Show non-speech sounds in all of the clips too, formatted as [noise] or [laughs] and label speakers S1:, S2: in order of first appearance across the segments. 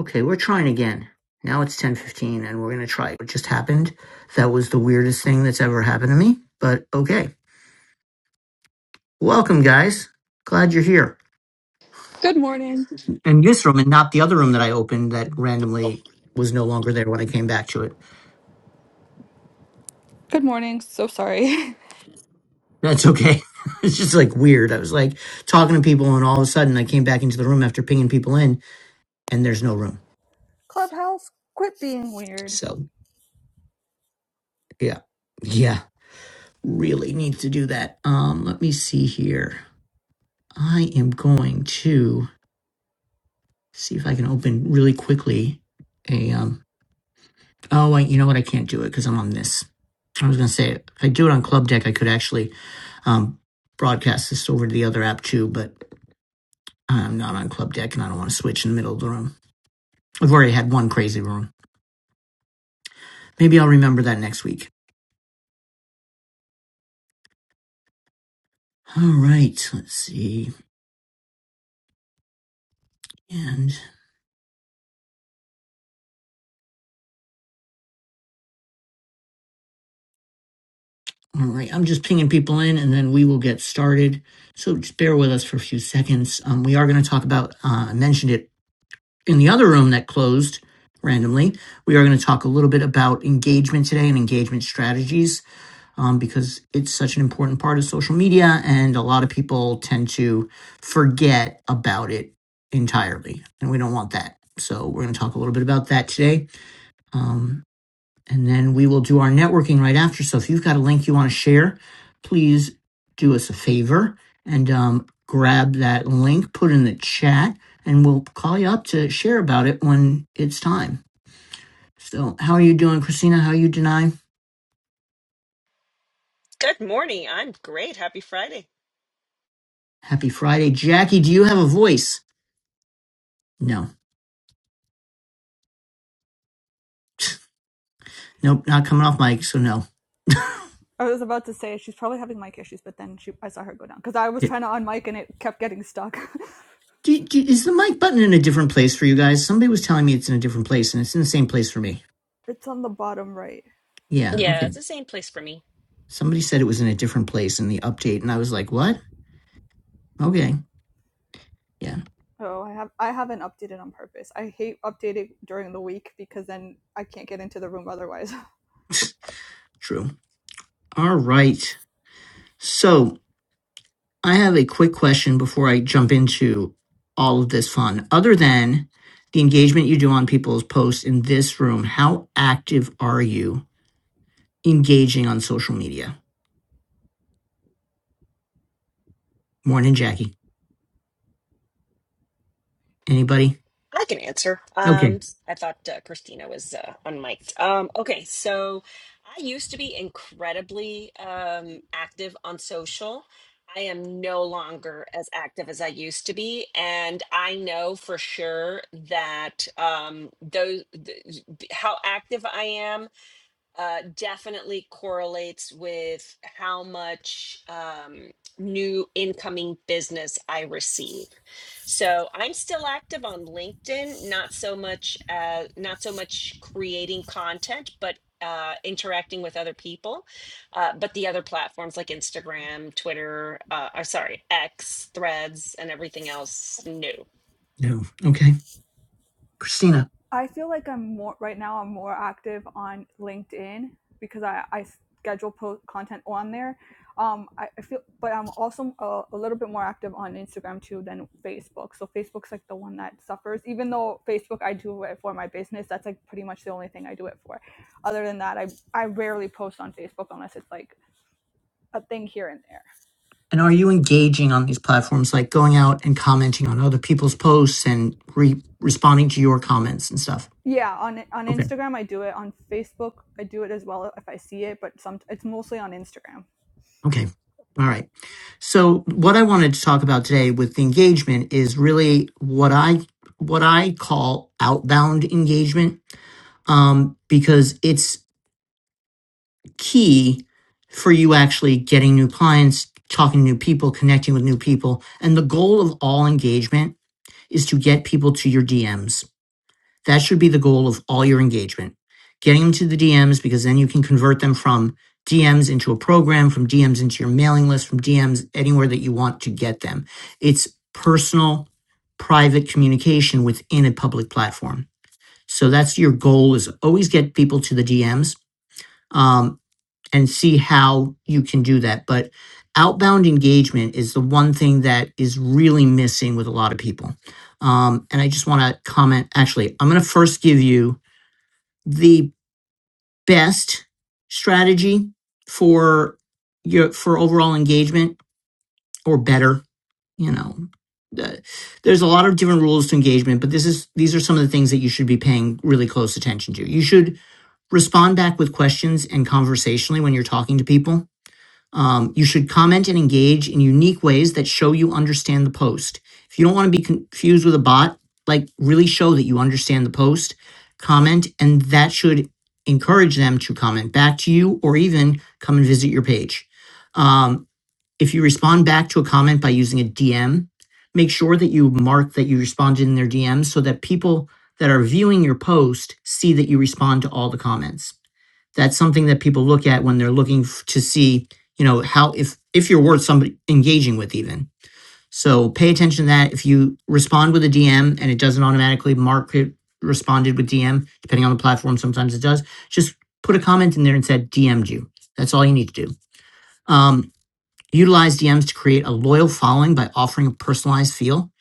S1: Okay, we're trying again. Now it's 10:15 and we're going to try. What just happened? That was the weirdest thing that's ever happened to me, but okay. Welcome guys. Glad you're here.
S2: Good morning.
S1: In this room and not the other room that I opened that randomly was no longer there when I came back to it.
S2: Good morning. So sorry.
S1: That's okay. [laughs] it's just like weird. I was like talking to people and all of a sudden I came back into the room after pinging people in and there's no room.
S2: [laughs] Clubhouse, quit being weird.
S1: So, yeah. Yeah. Really needs to do that. Um let me see here. I am going to see if I can open really quickly a um oh wait, you know what I can't do it because I'm on this. I was gonna say if I do it on Club Deck I could actually um broadcast this over to the other app too, but I'm not on Club Deck and I don't want to switch in the middle of the room. I've already had one crazy room. Maybe I'll remember that next week. All right, let's see. And all right, I'm just pinging people in and then we will get started. So just bear with us for a few seconds. Um, we are going to talk about, uh, I mentioned it in the other room that closed randomly, we are going to talk a little bit about engagement today and engagement strategies um, because it's such an important part of social media, and a lot of people tend to forget about it entirely, and we don't want that. So, we're going to talk a little bit about that today. Um, and then we will do our networking right after. So if you've got a link you want to share, please do us a favor and um, grab that link, put it in the chat, and we'll call you up to share about it when it's time. So how are you doing, Christina? How are you deny?
S3: Good morning. I'm great. Happy Friday.
S1: Happy Friday. Jackie, do you have a voice? No. [laughs] [tsk] Nope, not coming off mic, so no.
S2: I was about to say she's probably having mic issues, but then she, I saw her go down because I was
S1: It-
S2: trying to unmic and it kept getting stuck.
S1: do, do, is the mic button in a different place for you guys? Somebody was telling me it's in a different place, and it's in the same place for me.
S2: [laughs] it's on the bottom right.
S1: Yeah, okay.
S3: Yeah, it's the same place for me.
S1: Somebody said it was in a different place in the update, and I was like, what? Okay. Yeah,
S2: Oh, I have I haven't updated on purpose. I hate updating during the week because then I can't get into the room otherwise. [laughs]
S1: [laughs] true. All right. So I have a quick question before I jump into all of this fun. Other than the engagement you do on people's posts in this room, how active are you engaging on social media? Morning, Jackie. Anybody?
S3: I can answer.
S1: Okay.
S3: Um, I thought uh, Christina was uh, unmiked. Um, okay, so I used to be incredibly um, active on social. I am no longer as active as I used to be, and I know for sure that um, those th- th- how active I am. uh, definitely correlates with how much um, new incoming business I receive. So I'm still active on LinkedIn, not so much uh, not so much creating content, but uh, interacting with other people. Uh, but the other platforms like Instagram, Twitter, uh, uh, sorry, X, Threads, and everything else new.
S1: No. Okay. Christina.
S2: I feel like I'm more right now. I'm more active on LinkedIn because I, I schedule post content on there. Um, I, I feel, but I'm also a, a little bit more active on Instagram too than Facebook. So Facebook's like the one that suffers. Even though Facebook, I do it for my business. That's like pretty much the only thing I do it for. Other than that, I I rarely post on Facebook unless it's like a thing here and there.
S1: And are you engaging on these platforms, like going out and commenting on other people's posts and re- responding to your comments and stuff?
S2: Yeah, on on
S1: Okay.
S2: Instagram I do it. On Facebook I do it as well if I see it, but some it's mostly on Instagram.
S1: Okay. All right. So what I wanted to talk about today with the engagement is really what I what I call outbound engagement, um, because it's key for you actually getting new clients, talking to new people, connecting with new people. And the goal of all engagement is to get people to your DMs That should be the goal of all your engagement. Getting them to the DMs because then you can convert them from DMs into a program, from DMs into your mailing list, from DMs anywhere that you want to get them. It's personal, private communication within a public platform. So that's your goal is always get people to the DMs um, and see how you can do that. But outbound engagement is the one thing that is really missing with a lot of people. Um, and I just want to comment. Actually, I'm going to first give you the best strategy for your for overall engagement or better you know The- there's a lot of different rules to engagement but this is these are some of the things that you should be paying really close attention to you should respond back with questions and conversationally when you're talking to people um, you should comment and engage in unique ways that show you understand the post. If you don't want to be confused with a bot, like really show that you understand the post, comment, and that should encourage them to comment back to you or even come and visit your page. Um, if you respond back to a comment by using a DM, make sure that you mark that you responded in their DM so that people that are viewing your post see that you respond to all the comments. That's something that people look at when they're looking f- to see, you know, how if if you're worth somebody engaging with even. So pay attention to that. If you respond with a DM and it doesn't automatically mark it responded with DM, depending on the platform, sometimes it does. Just put a comment in there and said DM'd you. That's all you need to do. Um, Utilize DMs to create a loyal following by offering a personalized feel.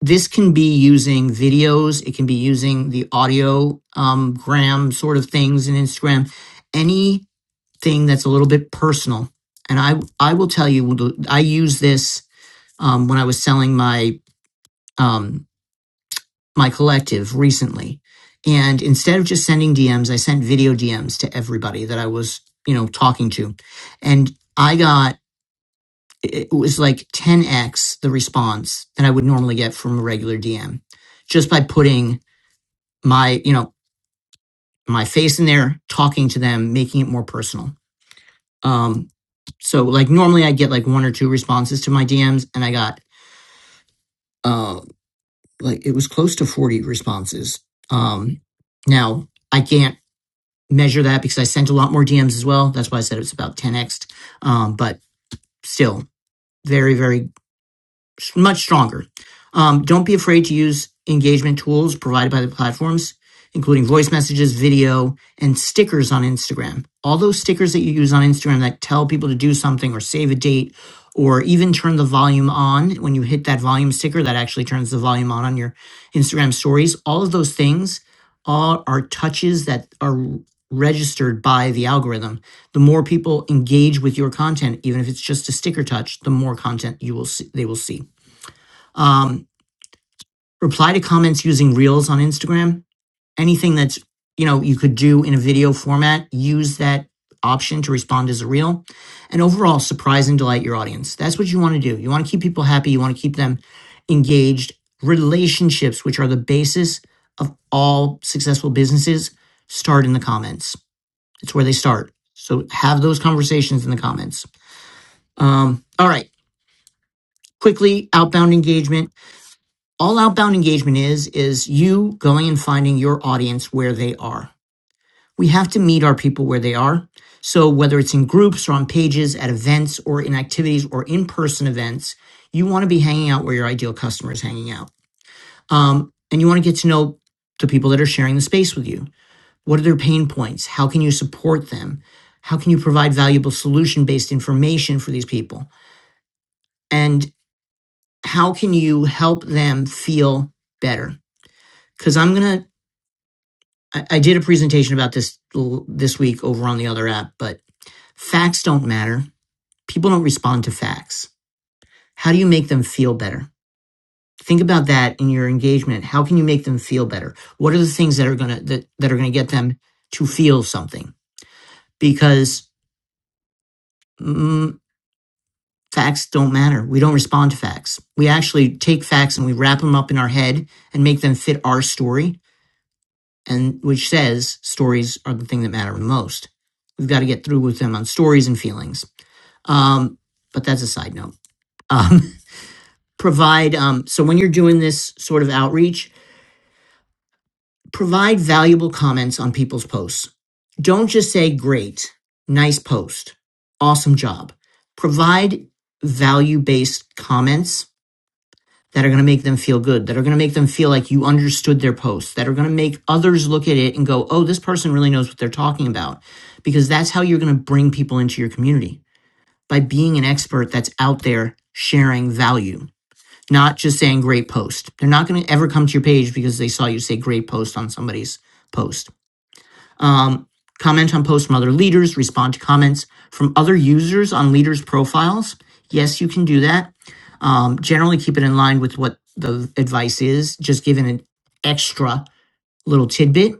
S1: This can be using videos, it can be using the audio um, gram sort of things in Instagram, anything that's a little bit personal. And I I will tell you, I use this um, when I was selling my um, my collective recently. And instead of just sending DMs, I sent video DMs to everybody that I was, you know, talking to. And I got it was like 10x the response that I would normally get from a regular DM just by putting my, you know, my face in there, talking to them, making it more personal. Um, so like normally I get like one or two responses to my DMs and I got, uh, like it was close to 40 responses. Um, now I can't measure that because I sent a lot more DMs as well. That's why I said it's about 10x. Um, but still very, very s- much stronger. Um, don't be afraid to use engagement tools provided by the platforms, including voice messages, video, and stickers on Instagram. All those stickers that you use on Instagram that tell people to do something or save a date or even turn the volume on when you hit that volume sticker that actually turns the volume on on your Instagram stories. All of those things are, are touches that are registered by the algorithm. The more people engage with your content, even if it's just a sticker touch, the more content you will see, they will see um, reply to comments using reels on Instagram. Anything that's, you know, you could do in a video format, use that option to respond as a reel. And overall, surprise and delight your audience. That's what you want to do. You want to keep people happy, you want to keep them engaged. Relationships, which are the basis of all successful businesses, start in the comments. It's where they start. So have those conversations in the comments. Um, all right, quickly outbound engagement All outbound engagement is, is you going and finding your audience where they are. We have to meet our people where they are. So whether it's in groups or on pages, at events or in activities or in person events, you want to be hanging out where your ideal customer is hanging out. Um, and you want to get to know the people that are sharing the space with you. What are their pain points? How can you support them? How can you provide valuable solution based information for these people? And how can you help them feel better? Because I'm going to I, I did a presentation about this this week over on the other app, but facts don't matter. People don't respond to facts. How do you make them feel better? Think about that in your engagement. How can you make them feel better? What are the things that are gonna that, that are gonna get them to feel something? Because mm, facts don't matter. We don't respond to facts. We actually take facts and we wrap them up in our head and make them fit our story, and which says stories are the thing that matter the most. We've got to get through with them on stories and feelings. Um, but that's a side note. Um, [laughs] provide um, so when you're doing this sort of outreach, provide valuable comments on people's posts. Don't just say "great," "nice post," "awesome job." Provide value-based comments that are going to make them feel good, that are going to make them feel like you understood their post, that are going to make others look at it and go, "Oh, this person really knows what they're talking about," because that's how you're going to bring people into your community by being an expert that's out there sharing value not just saying great post. They're not going to ever come to your page because they saw you say great post on somebody's post. Um, comment on posts from other leaders, respond to comments from other users on leaders' profiles. Yes, you can do that. Um, generally, keep it in line with what the advice is, just giving an extra little tidbit.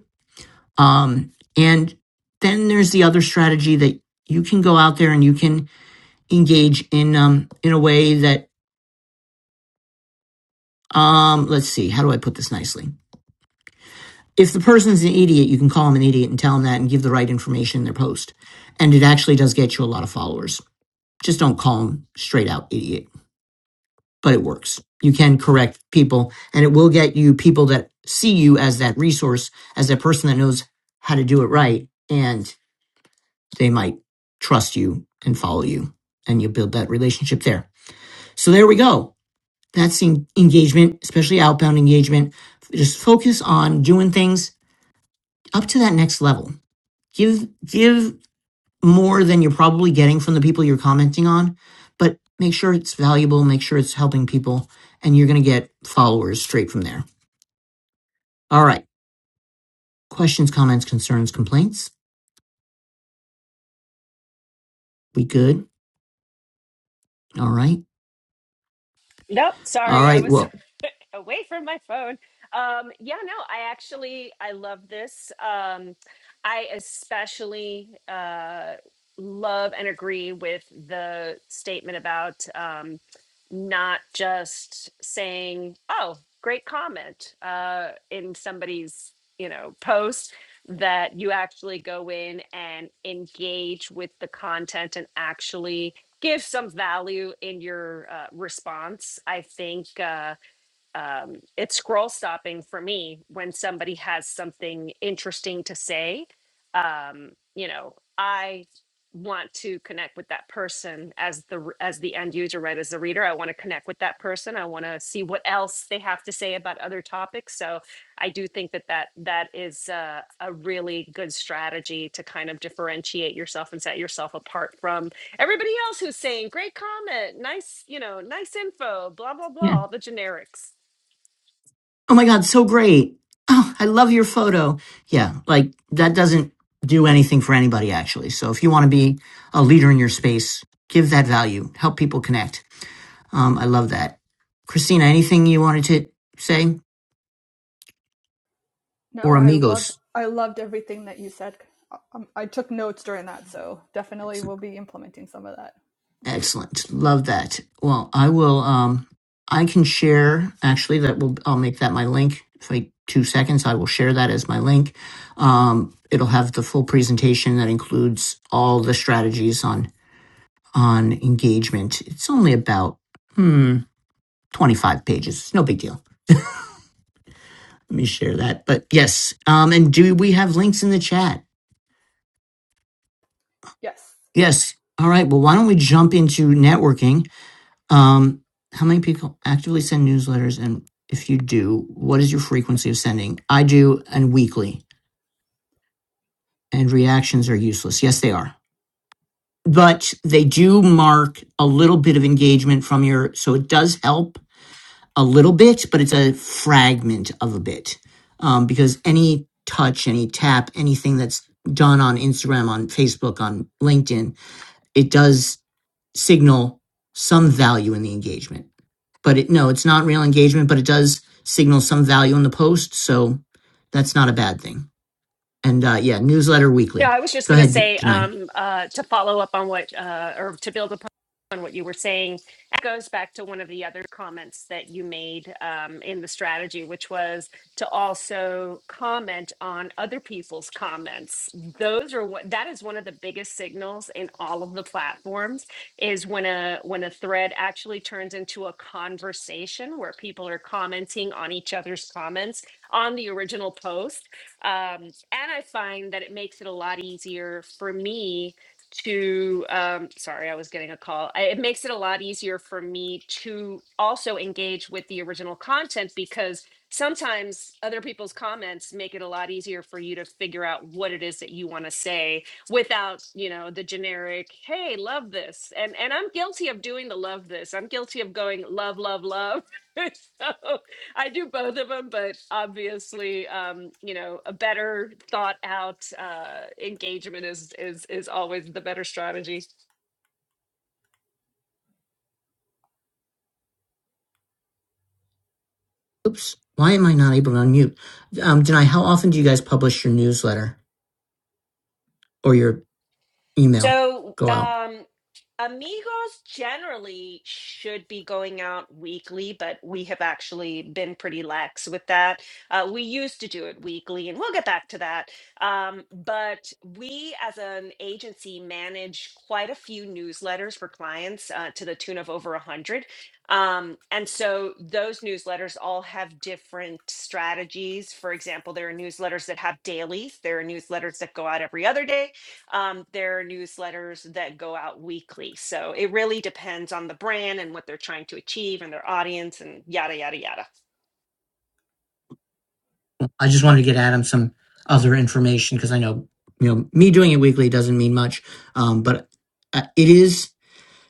S1: Um, and then there's the other strategy that you can go out there and you can engage in um, in a way that um, let's see, how do I put this nicely? if the person's an idiot, you can call them an idiot and tell them that and give the right information in their post. And it actually does get you a lot of followers. Just don't call them straight out idiot, but it works. You can correct people and it will get you people that see you as that resource, as that person that knows how to do it right. And they might trust you and follow you and you build that relationship there. So there we go. That's engagement, especially outbound engagement. Just focus on doing things up to that next level give give more than you're probably getting from the people you're commenting on but make sure it's valuable make sure it's helping people and you're going to get followers straight from there all right questions comments concerns complaints we good all right
S3: Nope,
S1: all
S3: sorry, I
S1: right
S3: was
S1: well
S3: [laughs] away from my phone. Um, yeah, no, I actually I love this. Um, I especially uh, love and agree with the statement about um, not just saying, "Oh, great comment" uh, in somebody's you know post. That you actually go in and engage with the content and actually give some value in your uh, response. I think uh, um, it's scroll stopping for me when somebody has something interesting to say. Um, you know, I want to connect with that person as the r- as the end user, right? As the reader, I want to connect with that person. I want to see what else they have to say about other topics. So I do think that that that is uh, a really good strategy to kind of differentiate yourself and set yourself apart from everybody else who's saying great comment nice you know nice info blah blah blah
S1: yeah
S3: all the generics
S1: oh my god so great oh i love your photo yeah like that doesn't do anything for anybody actually so if you want to be a leader in your space give that value help people connect um, i love that christina anything you wanted to say or
S2: No, I loved
S1: amigos.
S2: I loved everything that you said. Um, I took notes during that, so definitely
S1: Excellent.
S2: we'll be implementing some of that.
S1: Excellent. Love that. Well, I will um I can share actually that will I'll make that my link. If I two seconds, I will share that as my link. Um it'll have the full presentation that includes all the strategies on on engagement. It's only about hmm 25 pages. It's no big deal. Let me share that. But yes, um and do we have links in the chat?
S2: Yes, mine.
S1: Yes. All right. Well, why don't we jump into networking? Um, how many people actively send newsletters? And if you do, what is your frequency of sending? I do and weekly, and reactions are useless. Yes, they are. But they do mark a little bit of engagement from your, so it does help a little bit, but it's a fragment of a bit. Um, because any touch, any tap, anything that's done on Instagram, on Facebook, on LinkedIn it does signal some value in the engagement. But it, no, it's not real engagement, but it does signal some value in the post. So that's not a bad thing. And uh, yeah, newsletter
S3: No,
S1: weekly.
S3: I was just
S1: Go
S3: going to
S1: ahead,
S3: say
S1: Denai.
S3: um, uh, to follow up on what, uh, or to build upon what you were saying, it goes back to one of the other comments that you made um, in the strategy, which was to also comment on other people's comments. Those are what that is one of the biggest signals in all of the platforms is when a when a thread actually turns into a conversation where people are commenting on each other's comments on the original post um, and I find that it makes it a lot easier for me to, um, sorry, I was getting a call. I, it makes it a lot easier for me to also engage with the original content because sometimes other people's comments make it a lot easier for you to figure out what it is that you want to say without you know the generic hey love this and and i'm guilty of doing the love this i'm guilty of going love love love [laughs] so I do both of them, but obviously, um, you know, a better thought out uh, engagement is is is always the better strategy.
S1: Oops. Why am I not able to unmute? Um, Denai, how often do you guys publish your newsletter or your email
S3: So,
S1: go out?
S3: um, amigos generally should be going out weekly, but we have actually been pretty lax with that. Uh, we used to do it weekly, and we'll get back to that. Um, but we, as an agency, manage quite a few newsletters for clients uh, to the tune of over a hundred. Um, and so those newsletters all have different strategies. For example, there are newsletters that have dailies. There are newsletters that go out every other day um, there are newsletters that go out weekly. So it really depends on the brand and what they're trying to achieve and their audience and yada, yada, yada.
S1: I just wanted to get Adam some other information because I know, you know, me doing it weekly doesn't mean much. Um, but uh, it is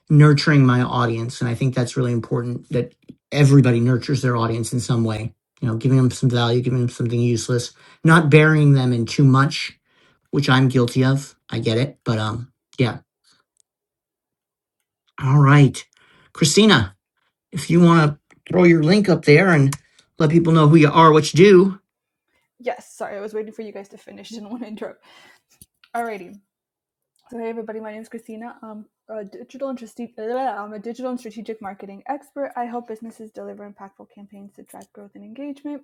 S1: nurturing my audience and i think that's really important that everybody nurtures their audience in some way you know giving them some value giving them something useless not burying them in too much which i'm guilty of i get it but um yeah all right christina if you want to throw your link up there and let people know who you are what you do
S2: Yes, sorry, I was waiting for you guys to finish. Didn't want to interrupt. [laughs] Alrighty. So hey everybody, my name is Christina. Um, a digital and strategic [laughs] I'm a digital and strategic marketing expert. I help businesses deliver impactful campaigns to drive growth and engagement.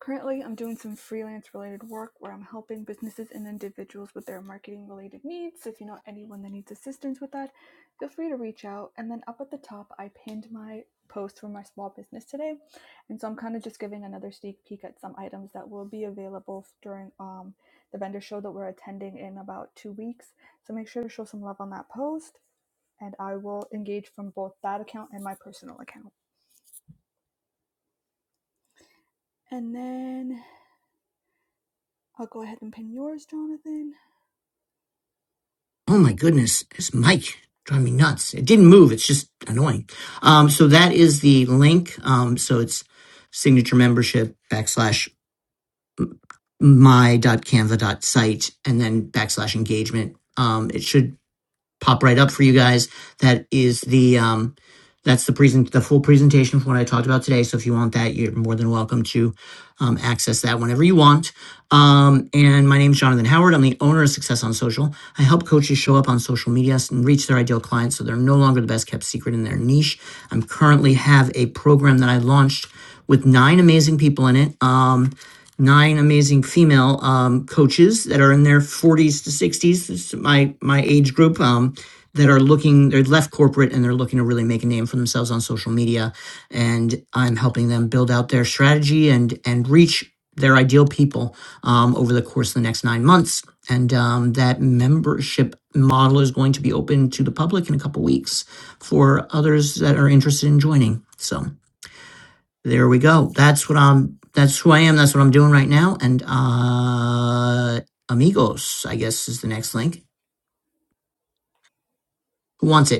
S2: Currently, I'm doing some freelance related work where I'm helping businesses and individuals with their marketing related needs. So, If you know anyone that needs assistance with that, feel free to reach out. And then up at the top, I pinned my post for my small business today, and so I'm kind of just giving another sneak peek at some items that will be available during um, the vendor show that we're attending in about two weeks. So make sure to show some love on that post, and I will engage from both that account and my personal account. And then I'll go ahead and pin yours, Jonathan.
S1: oh my goodness this mic driving me nuts it didn't move it's just annoying um so that is the link um so it's signature membership backslash My dot dot canva dot site and then backslash engagement. Um, it should pop right up for you guys. That is the um, that's the present, the full presentation for what I talked about today. So if you want that, you're more than welcome to um, access that whenever you want. Um, and my name is Jonathan Howard. I'm the owner of Success on Social. I help coaches show up on social media and reach their ideal clients, so they're no longer the best kept secret in their niche. I'm currently have a program that I launched with nine amazing people in it. Um, nine amazing female um, coaches that are in their 40s to 60s. This is my my age group. Um, that are looking they're left corporate and they're looking to really make a name for themselves on social media and i'm helping them build out their strategy and and reach their ideal people um, over the course of the next nine months and um, that membership model is going to be open to the public in a couple weeks for others that are interested in joining so there we go that's what i'm that's who i am that's what i'm doing right now and uh amigos i guess is the next link who wants it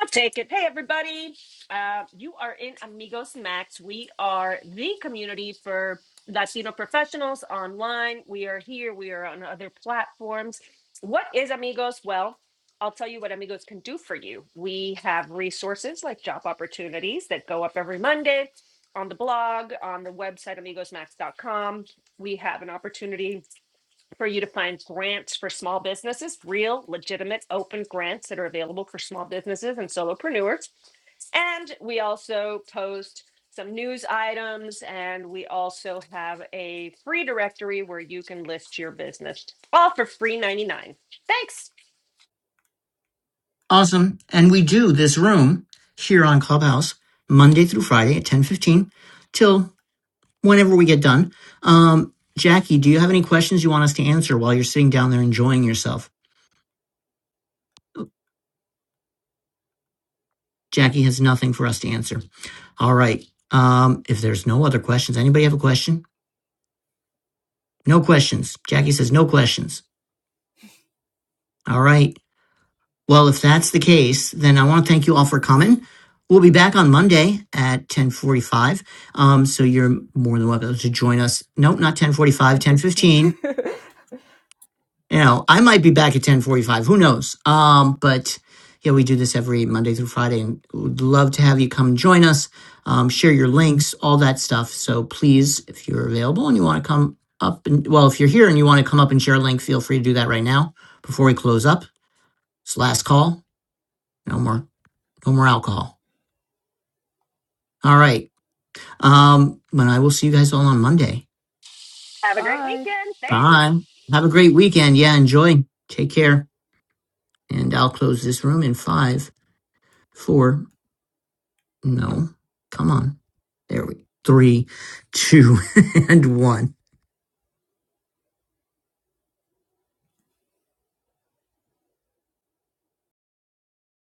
S3: I'll take it. Hey, everybody. Uh, you are in Amigos Max. We are the community for Latino professionals online. We are here, we are on other platforms. What is Amigos? Well, I'll tell you what Amigos can do for you. We have resources like job opportunities that go up every Monday on the blog, on the website, amigosmax.com. We have an opportunity for you to find grants for small businesses, real legitimate open grants that are available for small businesses and solopreneurs. And we also post some news items and we also have a free directory where you can list your business all for free 99. Thanks.
S1: Awesome. And we do this room here on Clubhouse Monday through Friday at 10:15 till whenever we get done. Um Jackie, do you have any questions you want us to answer while you're sitting down there enjoying yourself? Jackie has nothing for us to answer. All right. Um if there's no other questions, anybody have a question? No questions. Jackie says no questions. All right. Well, if that's the case, then I want to thank you all for coming. We'll be back on Monday at 1045. Um, so you're more than welcome to join us. Nope,
S2: 10,
S1: not 1045, ten
S2: fifteen
S1: fifteen. You know, I might be back at 1045. Who knows? Um, but yeah, we do this every Monday through Friday and would love to have you come join us, um, share your links, all that stuff. So please, if you're available and you want to come up and, well, if you're here and you want to come up and share a link, feel free to do that right now before we close up. It's the last call. No more no more alcohol. All right. Um, but I will see you guys all on Monday.
S2: [laughs]
S3: Have a great
S2: Bye.
S3: weekend. Thanks.
S1: Bye. Have a great weekend. Yeah, enjoy. Take care. And I'll close this room in five, four, no, come on. There we go. three, two, [laughs] and one.